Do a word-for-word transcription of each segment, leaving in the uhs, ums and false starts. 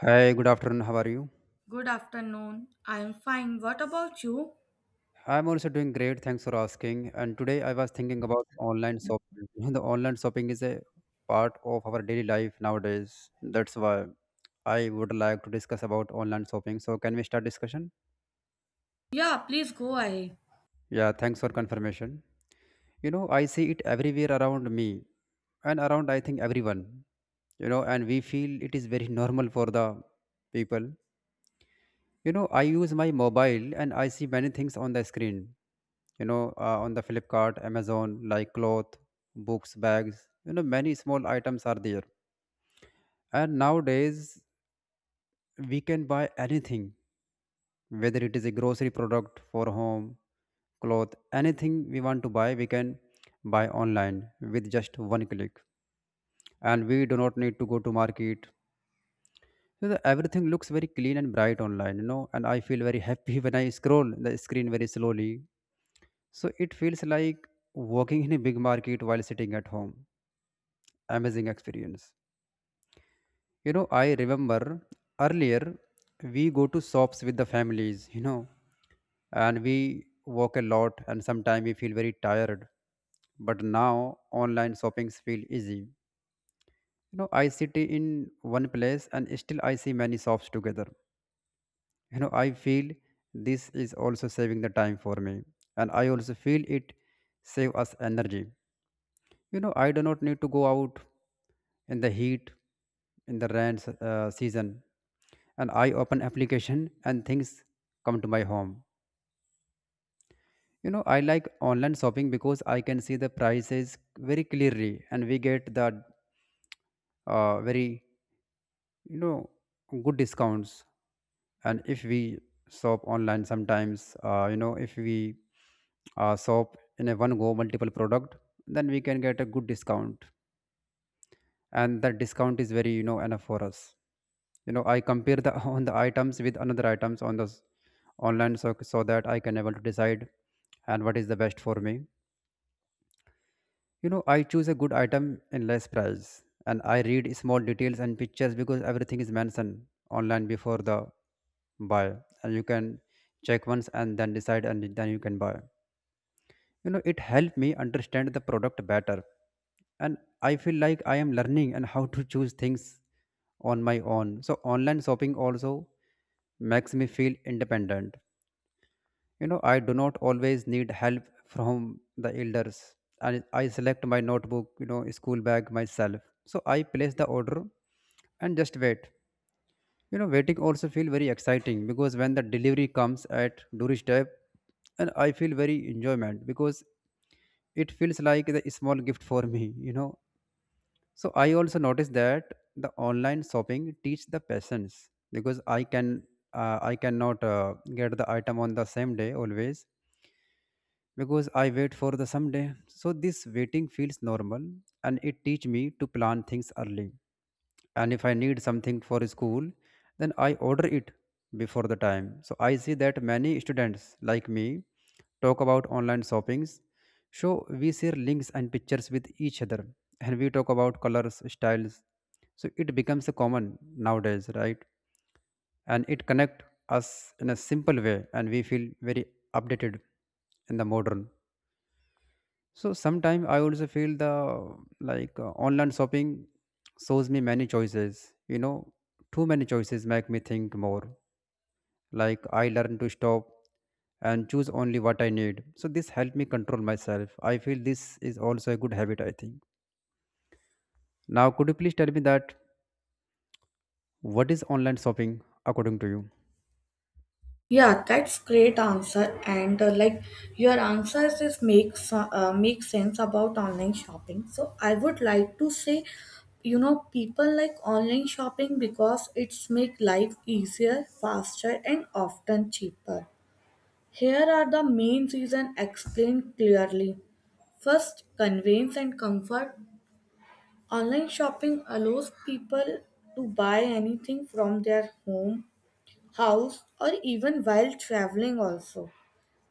Hi, good afternoon. How are you? Good afternoon. I am fine. What about you? I'm also doing great. Thanks for asking. And today I was thinking about online shopping. You know, The online shopping is a part of our daily life nowadays. That's why I would like to discuss about online shopping. So can we start discussion? Yeah, please go ahead. Yeah, thanks for confirmation. You know, I see it everywhere around me and around I think everyone. You know, and we feel it is very normal for the people. You know, I use my mobile and I see many things on the screen. You know, uh, on the Flipkart, Amazon, like cloth, books, bags. You know, many small items are there. And nowadays, we can buy anything, whether it is a grocery product for home, cloth, anything we want to buy, we can buy online with just one click. And we do not need to go to market. So the, everything looks very clean and bright online, you know, and I feel very happy when I scroll the screen very slowly. So it feels like walking in a big market while sitting at home. Amazing experience. You know, I remember earlier we go to shops with the families, you know, and we walk a lot and sometimes we feel very tired. But now online shoppings feel easy. You know, I sit in one place and still I see many shops together. You know, I feel this is also saving the time for me. And I also feel it save us energy. You know, I do not need to go out in the heat, in the rain s- uh, season, and I open application and things come to my home. You know, I like online shopping because I can see the prices very clearly, and we get the uh, very you know good discounts. And if we shop online, sometimes uh, you know if we uh, shop in a one go multiple product, then we can get a good discount and that discount is very you know enough for us. You know, I compare the on the items with another items on the s- online, so, so that I can able to decide and what is the best for me. You know, I choose a good item in less price and I read small details and pictures because everything is mentioned online before the buy, and you can check once and then decide and then you can buy. You know, it helped me understand the product better and I feel like I am learning and how to choose things on my own. So online shopping also makes me feel independent. You know, I do not always need help from the elders, and I select my notebook, you know, school bag myself, so I place the order and just wait. You know, waiting also feel very exciting because when the delivery comes at doorstep, and I feel very enjoyment because it feels like the small gift for me, you know. So I also noticed that the online shopping teach the patience because I can uh, I cannot uh, get the item on the same day always because I wait for the someday. So this waiting feels normal and it teach me to plan things early. And if I need something for school, then I order it before the time. So I see that many students like me talk about online shoppings. So we share links and pictures with each other and we talk about colors, styles. So it becomes a common nowadays, right? And it connect us in a simple way and we feel very updated in the modern. So sometimes I also feel the like uh, online shopping shows me many choices. You know, too many choices make me think more. Like I learn to stop and choose only what I need. So this helped me control myself. I feel this is also a good habit, I think. Now, could you please tell me that what is online shopping according to you? Yeah, that's great answer. And uh, like your answers is makes uh, make sense about online shopping. So I would like to say, you know, people like online shopping because it's make life easier, faster, and often cheaper. Here are the main reason explained clearly. First, convenience and comfort. Online shopping allows people to buy anything from their home, house, or even while traveling, also.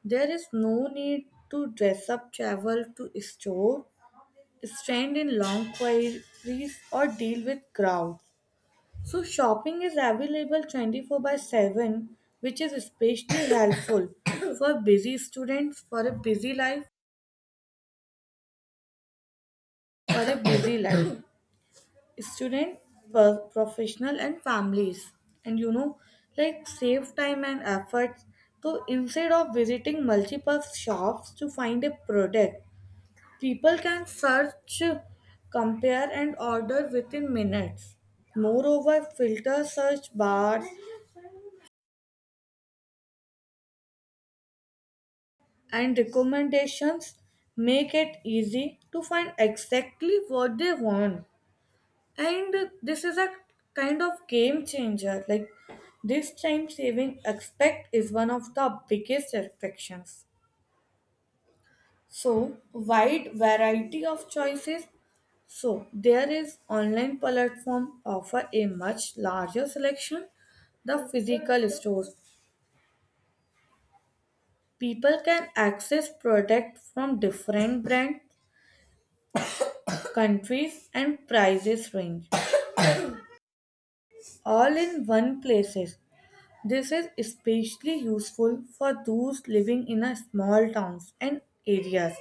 There is no need to dress up, travel to store, stand in long queries, or deal with crowds. So, shopping is available twenty-four by seven, which is especially helpful for busy students, for a busy life, for a busy life. Student, per- professional, and families. And you know, like save time and efforts. So instead of visiting multiple shops to find a product, people can search, compare, and order within minutes. Moreover, filter search bars and recommendations make it easy to find exactly what they want. And this is a kind of game changer. Like this time saving aspect is one of the biggest affections. So wide variety of choices. So there is online platform offer a much larger selection the physical stores. People can access product from different brand, countries and prices range all in one places. This is especially useful for those living in a small towns and areas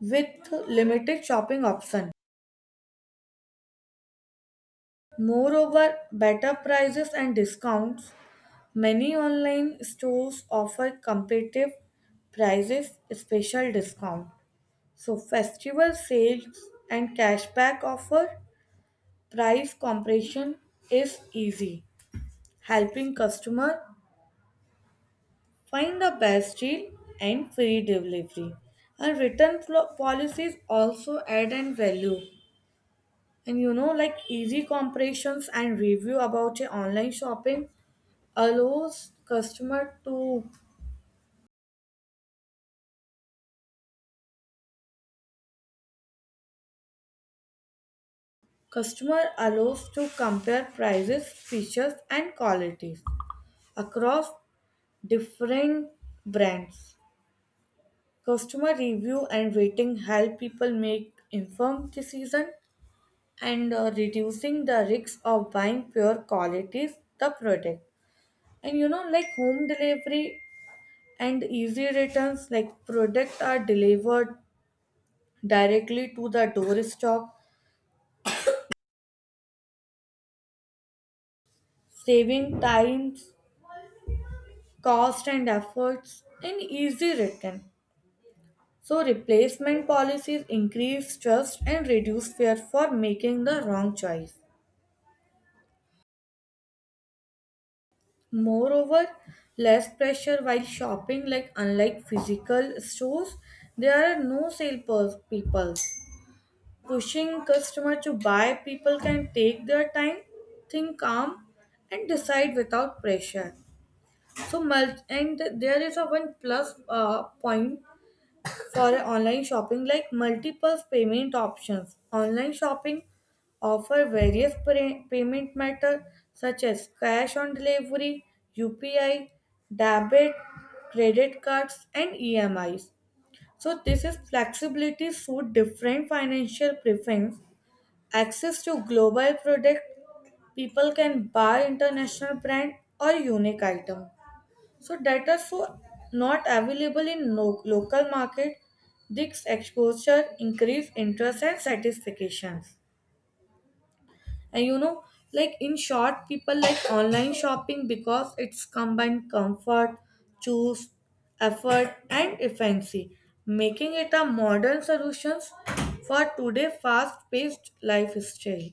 with limited shopping options. Moreover, better prices and discounts. Many online stores offer competitive prices, special discount. So festival sales and cashback offer price comparison is easy, helping customer find the best deal and free delivery. And return plo- policies also add and value. And you know, like easy comparisons and review about your online shopping allows customer to customer allows to compare prices, features, and qualities across different brands. Customer review and rating help people make informed decision and uh, reducing the risk of buying pure qualities the product, and you know, like home delivery and easy returns, like products are delivered directly to the doorstep, saving times, cost and efforts in easy return. So replacement policies increase trust and reduce fear for making the wrong choice. Moreover, less pressure while shopping, like unlike physical stores, there are no sale pers- people pushing customer to buy, people can take their time, think calm, and decide without pressure. So, mul- and there is a one plus uh, point for online shopping like multiple payment options. Online shopping offer various pra- payment methods such as cash on delivery, U P I, debit, credit cards, and E M Is. So this is flexibility suit different financial preference, access to global product, people can buy international brand or unique item. So data so not available in no- local market, this exposure increase interest and satisfactions. And you know, like in short, people like online shopping because it's combined comfort, choose, effort, and efficiency, making it a modern solutions for today fast-paced lifestyle.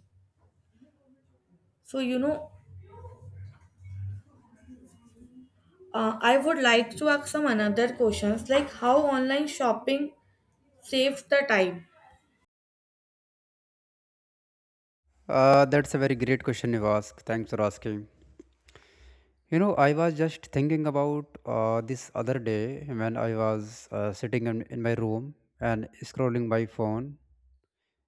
So you know, uh, I would like to ask some another questions like how online shopping saves the time. Uh, that's a very great question you ask. Thanks for asking. You know, I was just thinking about uh, this other day when I was uh, sitting in, in my room and scrolling my phone.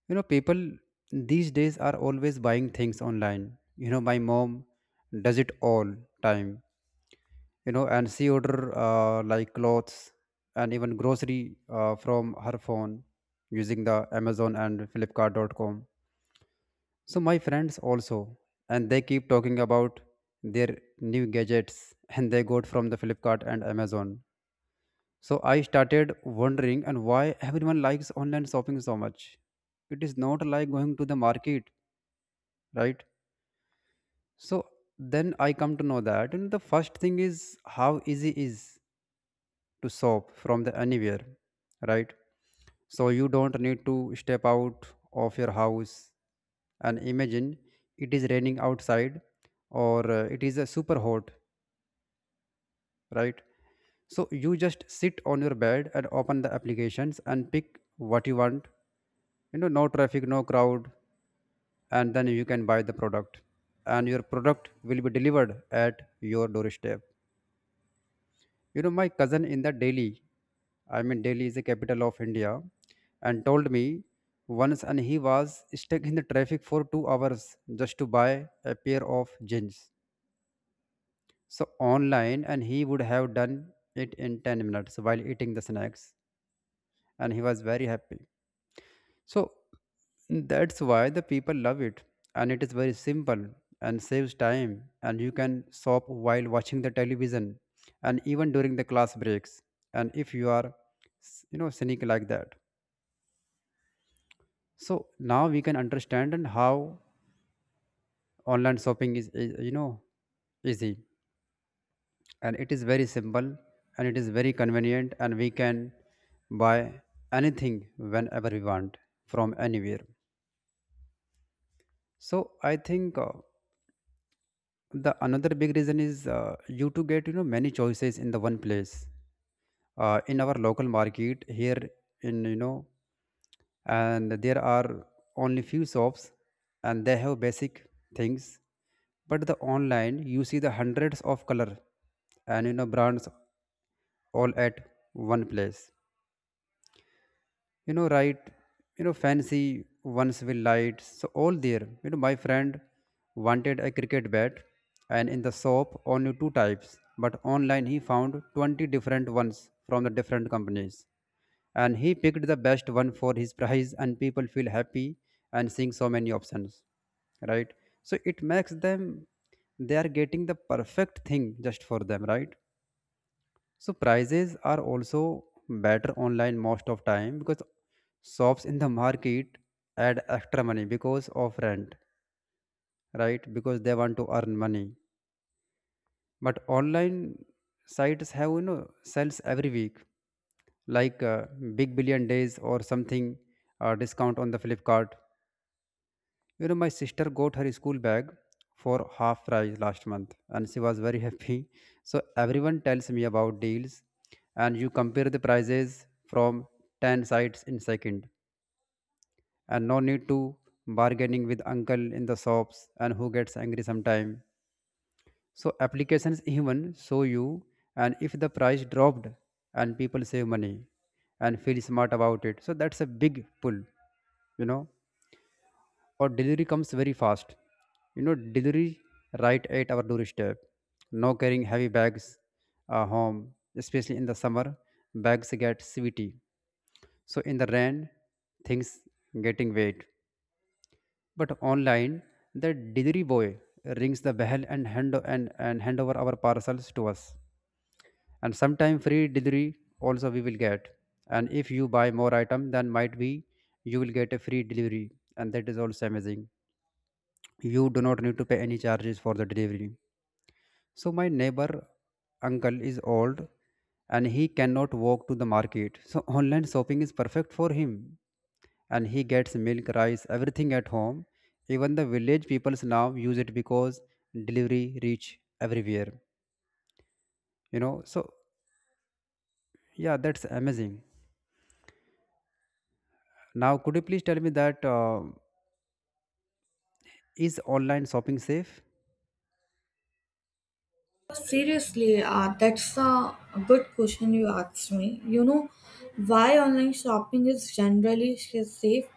You know, people these days are always buying things online. You know, my mom does it all time. You know, and she order uh, like clothes and even grocery uh, from her phone using the Amazon and Flipkart dot com. So my friends also, and they keep talking about their new gadgets and they got from the Flipkart and Amazon. So I started wondering and why everyone likes online shopping so much. It is not like going to the market, right? So then I come to know that and the first thing is how easy is to shop from the anywhere, right? So you don't need to step out of your house, and imagine it is raining outside or uh, it is uh, super hot, right? So you just sit on your bed and open the applications and pick what you want. You know, no traffic, no crowd, and then you can buy the product and your product will be delivered at your doorstep. You know, my cousin in the Delhi, I mean Delhi is the capital of India, and told me once, and he was stuck in the traffic for two hours just to buy a pair of jeans. So online and he would have done it in ten minutes while eating the snacks, and he was very happy. So that's why the people love it. And it is very simple and saves time. And you can shop while watching the television and even during the class breaks. And if you are, you know, cynic like that. So now we can understand and how online shopping is, is, you know, easy. And it is very simple and it is very convenient. And we can buy anything whenever we want from anywhere. So I think. Uh, the another big reason is uh, you to get, you know, many choices in the one place, uh, in our local market here, in, you know, and there are only few shops and they have basic things, but the online you see the hundreds of color and, you know, brands all at one place, you know, right? You know, fancy ones with lights so all there. You know, my friend wanted a cricket bat, and in the shop only two types, but online he found twenty different ones from the different companies, and he picked the best one for his price and people feel happy and seeing so many options, right? So it makes them they are getting the perfect thing just for them, right? So prices are also better online most of time because shops in the market add extra money because of rent, right? Because they want to earn money. But online sites have, you know, sales every week, like uh, Big Billion Days or something, uh, discount on the Flipkart. You know, my sister got her school bag for half price last month and she was very happy. So everyone tells me about deals and you compare the prices from ten sites in second and no need to bargaining with uncle in the shops and who gets angry sometime. So applications even show you and if the price dropped and people save money and feel smart about it. So that's a big pull, you know. Or delivery comes very fast. You know, delivery right at our doorstep, no carrying heavy bags uh, home, especially in the summer bags get sweaty, so in the rain things getting wet. But online the delivery boy rings the bell and hand and, and hand over our parcels to us, and sometime free delivery also we will get, and if you buy more item then might be you will get a free delivery, and that is also amazing. You do not need to pay any charges for the delivery. So my neighbor uncle is old and he cannot walk to the market, so online shopping is perfect for him and he gets milk, rice, everything at home. Even the village peoples now use it because delivery reach everywhere, you know. So yeah, that's amazing. Now could you please tell me that uh, is online shopping safe? Seriously, uh, that's a good question you asked me. You know why online shopping is generally safe?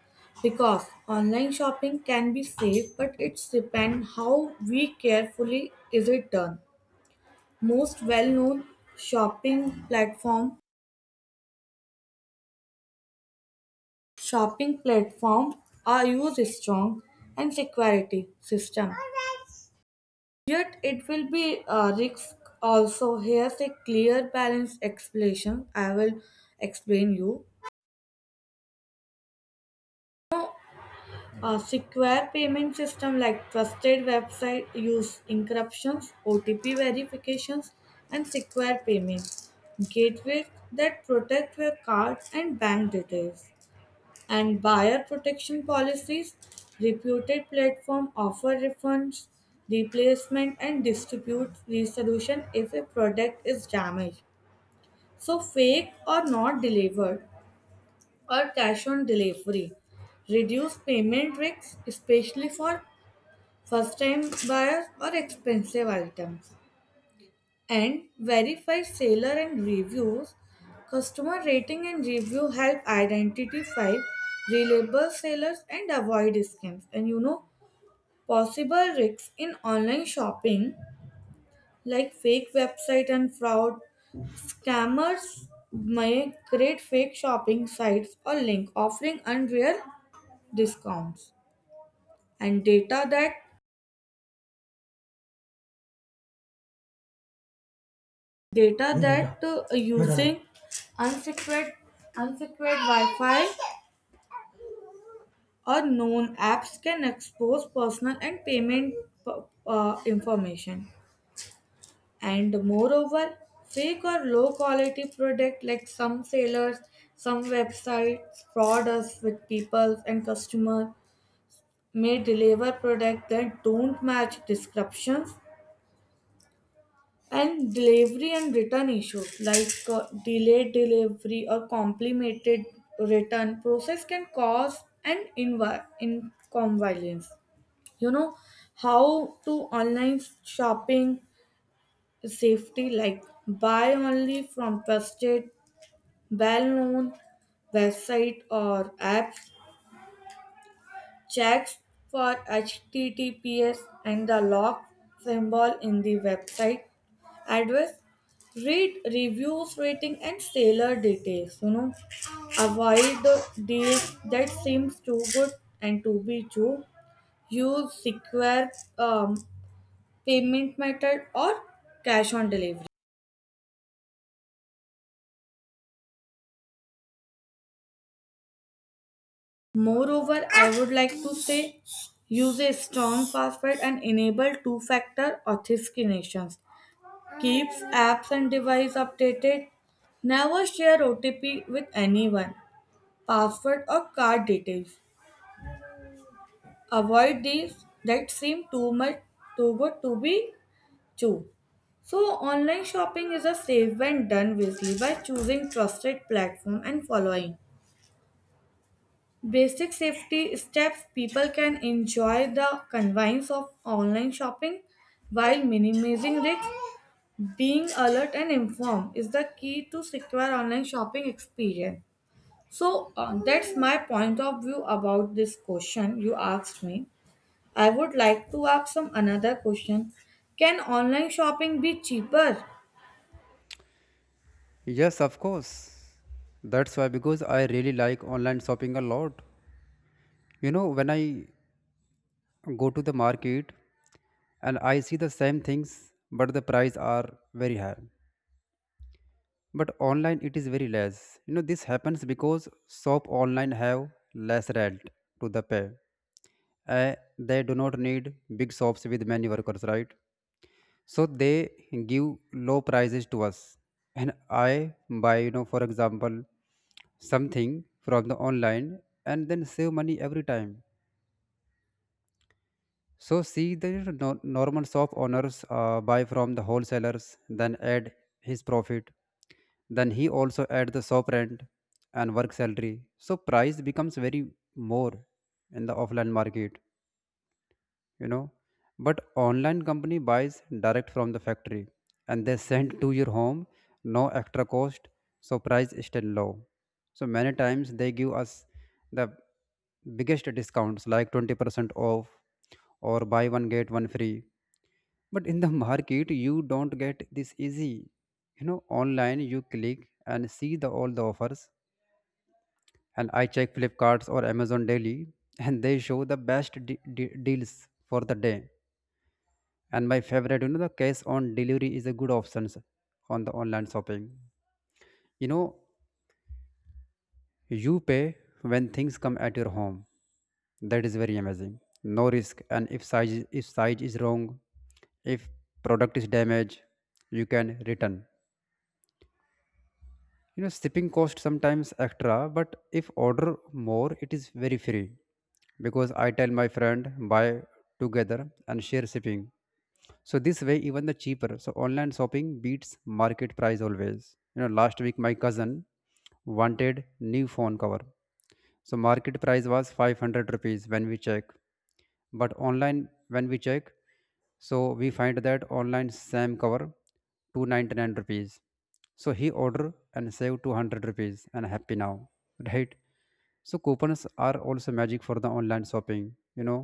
Because online shopping can be safe, but it's depend how we carefully is it done. Most well-known shopping platform shopping platform are use strong and security system. Yet it will be a risk also. Here's a clear balance explanation I will explain you. A secure payment system like trusted website use encryptions, O T P verifications, and secure payment gateways that protect your card and bank details. And buyer protection policies, reputed platform offer refunds, replacement and distribute resolution if a product is damaged. So, fake or not delivered or cash on delivery reduce payment risks, especially for first time buyers or expensive items. And verify seller and reviews. Customer rating and review help identify reliable sellers and avoid scams. And you know, possible risks in online shopping like fake website and fraud. Scammers may create fake shopping sites or link offering unreal discounts. And data that data that uh, using unsecured unsecured Wi-Fi or known apps can expose personal and payment uh, uh, information. And moreover, fake or low quality product, like some sellers, some websites fraud us with people and customers may deliver products that don't match descriptions. And delivery and return issues, like uh, delayed delivery or complicated return process can cause an invi- inconvenience. You know, how to online shopping safety, like buy only from trusted well known website or apps, checks for H T T P S and the lock symbol in the website address. Read reviews, rating, and seller details. You know, avoid the deals that seems too good and to be true. Use secure um, payment method or cash on delivery. Moreover, I would like to say, use a strong password and enable two factor authentication. Keeps apps and device updated. Never share O T P with anyone, password or card details. Avoid deals that seem too much too good to be true. So online shopping is a safe when done wisely by choosing trusted platform and following basic safety steps, people can enjoy the convenience of online shopping while minimizing risks. Being alert and informed is the key to secure online shopping experience. So uh, that's my point of view about this question you asked me. I would like to ask some another question. Can online shopping be cheaper? Yes, of course. That's why because I really like online shopping a lot. You know, when I go to the market and I see the same things, but the price are very high. But online it is very less. You know, this happens because shop online have less rent to the pay. Uh, they do not need big shops with many workers, right? So they give low prices to us, and I buy, you know, for example, something from the online and then save money every time. So see the no- normal shop owners uh, buy from the wholesalers, then add his profit. Then he also add the shop rent and work salary. So price becomes very more in the offline market, you know. But online company buys direct from the factory and they send to your home, no extra cost, so price is still low. So many times they give us the biggest discounts like twenty percent off or buy one get one free, but in the market you don't get this easy. You know, online you click and see the all the offers, and I check flipkarts or amazon daily and they show the best de- de- deals for the day. And my favorite, you know, the cash on delivery is a good option on the online shopping. You know, you pay when things come at your home. That is very amazing, no risk. And if size if size is wrong, if product is damaged, you can return. You know, shipping cost sometimes extra, but if order more, it is very free because I tell my friend buy together and share shipping. So this way, even the cheaper. So online shopping beats market price always. You know, last week my cousin wanted new phone cover. So market price was five hundred rupees when we check, but online when we check, so we find that online same cover two ninety-nine rupees, so he order and save two hundred rupees and happy now. Right, so coupons are also magic for the online shopping. You know,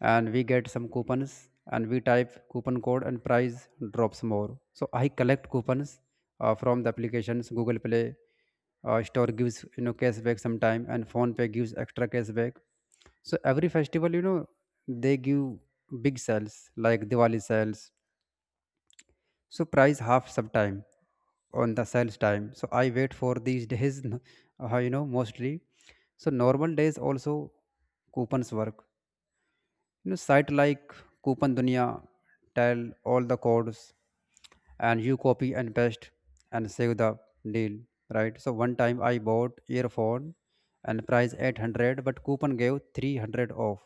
and we get some coupons and we type coupon code and price drops more, so I collect coupons uh, from the applications. Google play uh, store gives, you know, cashback sometime, and phone pay gives extra cashback. So every festival, you know, they give big sales like diwali sales, so price half sometime on the sales time, so I wait for these days. Uh, you know, mostly. So normal days also coupons work. You know, site like coupon dunia tell all the codes, and you copy and paste and save the deal, right? So one time I bought earphone and price eight hundred but coupon gave three hundred off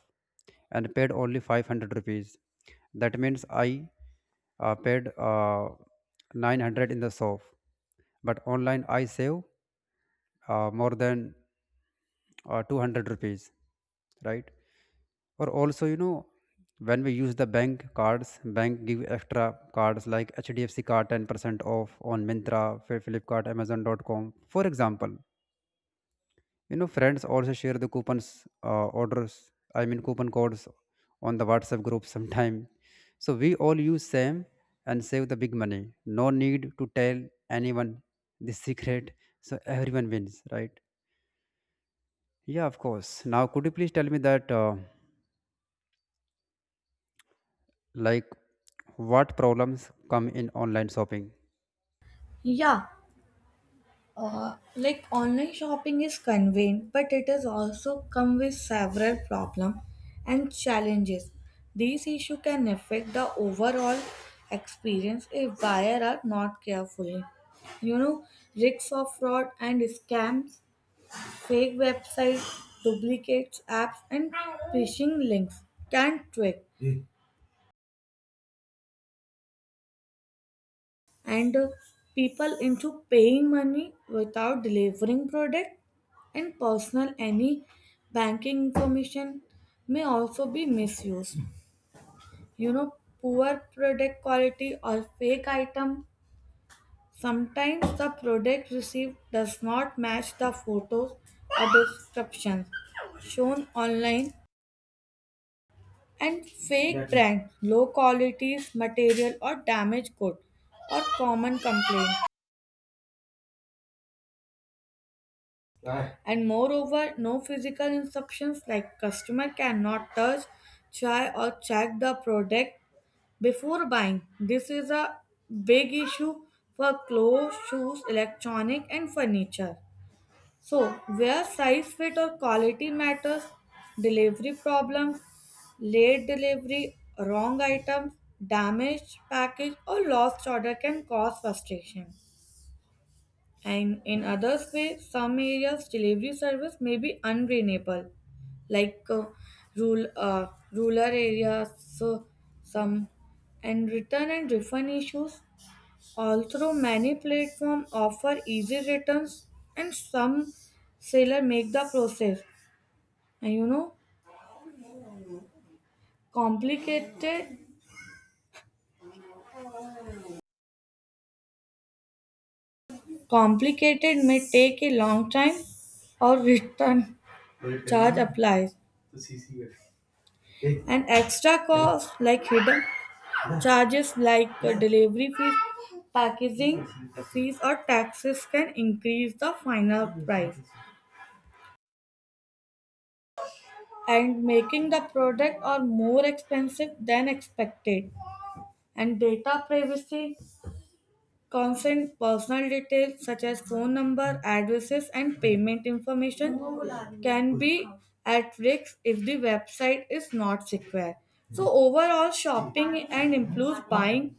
and paid only five hundred rupees. That means I uh, paid uh, nine hundred in the shop, but online I save uh, more than uh, two hundred rupees, right? Or also, you know, when we use the bank cards, bank give extra cards like hdfc card ten percent off on mintra Fi- flipkart amazon dot com for example. You know, friends also share the coupons, uh, orders I mean coupon codes on the whatsapp group sometime. So we all use same and save the big money, no need to tell anyone the secret. So everyone wins, right? Yeah, of course. Now could you please tell me that uh, like what problems come in online shopping? Yeah, Uh, like online shopping is convenient, but it has also come with several problems and challenges. These issues can affect the overall experience if buyers are not careful. You know, risks of fraud and scams, fake websites, duplicates, apps, and phishing links can trick and uh, people into paying money without delivering product, and personal any banking information may also be misused. You know, poor product quality or fake item, sometimes the product received does not match the photos or descriptions shown online. And fake exactly. Brand low qualities material or damaged good or common complaint. And moreover, no physical instructions, like customer cannot touch, try or check the product before buying. This is a big issue for clothes, shoes, electronic and furniture. So, where size fit or quality matters, delivery problems, late delivery, wrong items, damaged package or lost order can cause frustration. And in others way, some areas delivery service may be unreliable, like uh, rural, uh, rural areas, so some and return and refund issues. Also, many platforms offer easy returns, and some seller make the process. And you know, complicated, complicated may take a long time, or return charge applies. And extra costs like hidden charges, like uh, delivery fees, packaging fees, or taxes can increase the final price and making the product or more expensive than expected. And data privacy consent personal details such as phone number, addresses, and payment information can be at risk if the website is not secure. So overall, shopping and impulse buying.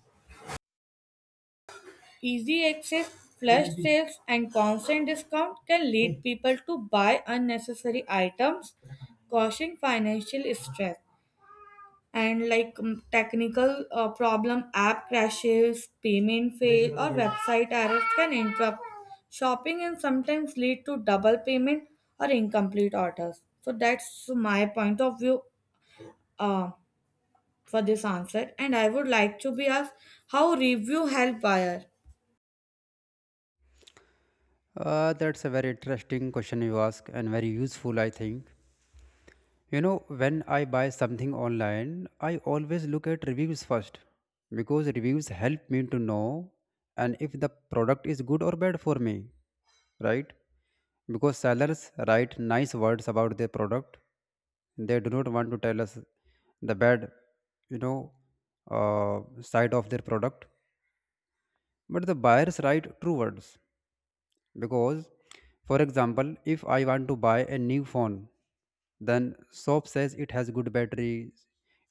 Easy access, flash sales, and constant discount can lead people to buy unnecessary items, causing financial stress. And like mm, technical uh, problem, app crashes, payment fail, or website errors can interrupt shopping and sometimes lead to double payment or incomplete orders. So that's my point of view uh, for this answer. And I would like to be asked how review help buyer. Uh, that's a very interesting question you ask and very useful, I think. You know, when I buy something online, I always look at reviews first because reviews help me to know and if the product is good or bad for me, right? Because sellers write nice words about their product. They do not want to tell us the bad, you know, uh, side of their product. But the buyers write true words. Because, for example, if I want to buy a new phone, then shop says it has good battery,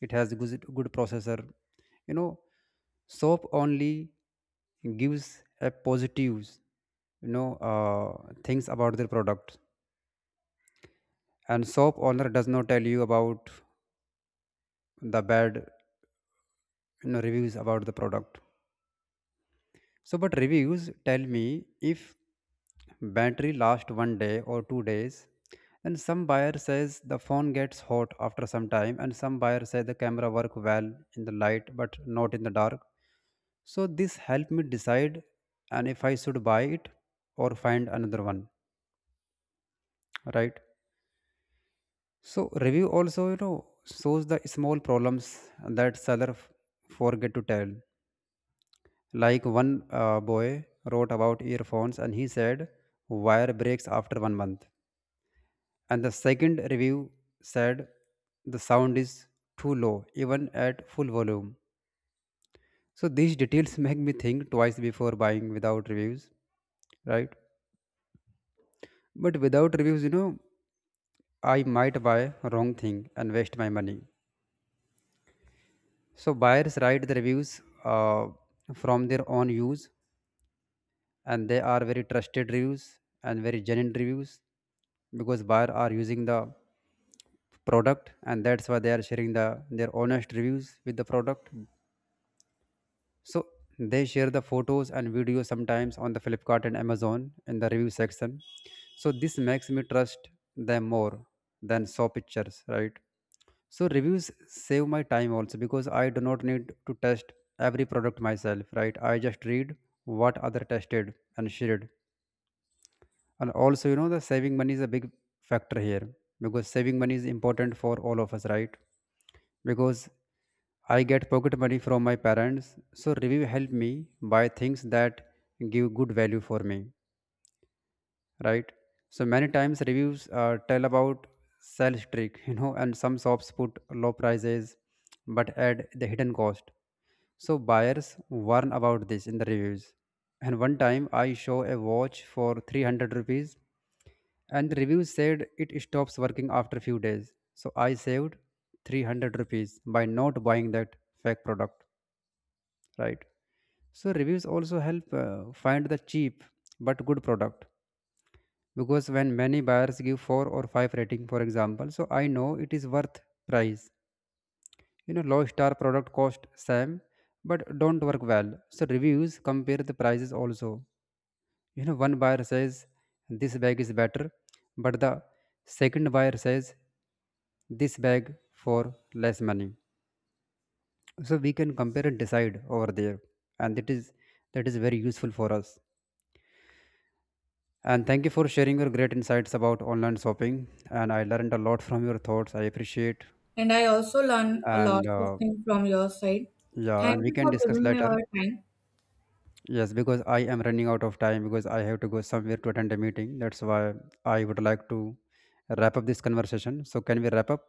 it has good, good processor. You know, shop only gives a positives, you know, uh, things about their product, and shop owner does not tell you about the bad, you know, reviews about the product. So, but reviews tell me if battery lasts one day or two days, and some buyer says the phone gets hot after some time, and some buyer say the camera work well in the light but not in the dark. So this helped me decide and if I should buy it or find another one, right? So review also, you know, shows the small problems that seller f- forget to tell. Like one uh, boy wrote about earphones and he said, wire breaks after one month. And the second review said, the sound is too low, even at full volume. So these details make me think twice before buying without reviews, right? But without reviews, you know, I might buy wrong thing and waste my money. So buyers write the reviews uh, from their own use, and they are very trusted reviews and very genuine reviews because buyer are using the product, and that's why they are sharing the their honest reviews with the product. So they share the photos and videos sometimes on the flipkart and amazon in the review section. So this makes me trust them more than saw pictures, right? So reviews save my time also because I do not need to test every product myself, right? I just read what other tested and shared. And also, you know, the saving money is a big factor here because saving money is important for all of us, right? Because I get pocket money from my parents, so review help me buy things that give good value for me, right? So many times reviews uh, tell about sales trick. You know, and some shops put low prices but add the hidden cost, so buyers warn about this in the reviews. And one time I show a watch for three hundred rupees and the review said it stops working after few days. So I saved three hundred rupees by not buying that fake product, right? So reviews also help uh, find the cheap but good product because when many buyers give four or five rating for example, so I know it is worth price. You know, low star product cost same but don't work well. So reviews compare the prices also. You know, one buyer says this bag is better, but the second buyer says this bag for less money. So we can compare and decide over there. And that is that is very useful for us. And thank you for sharing your great insights about online shopping. And I learned a lot from your thoughts. I appreciate. And I also learn a lot And of uh, things from your side. yeah, Thank and we you can for discuss giving me later. your time. Yes, because I am running out of time because I have to go somewhere to attend a meeting. That's why I would like to wrap up this conversation. So, can we wrap up?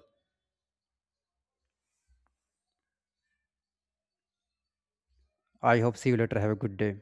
I hope see you later. Have a good day.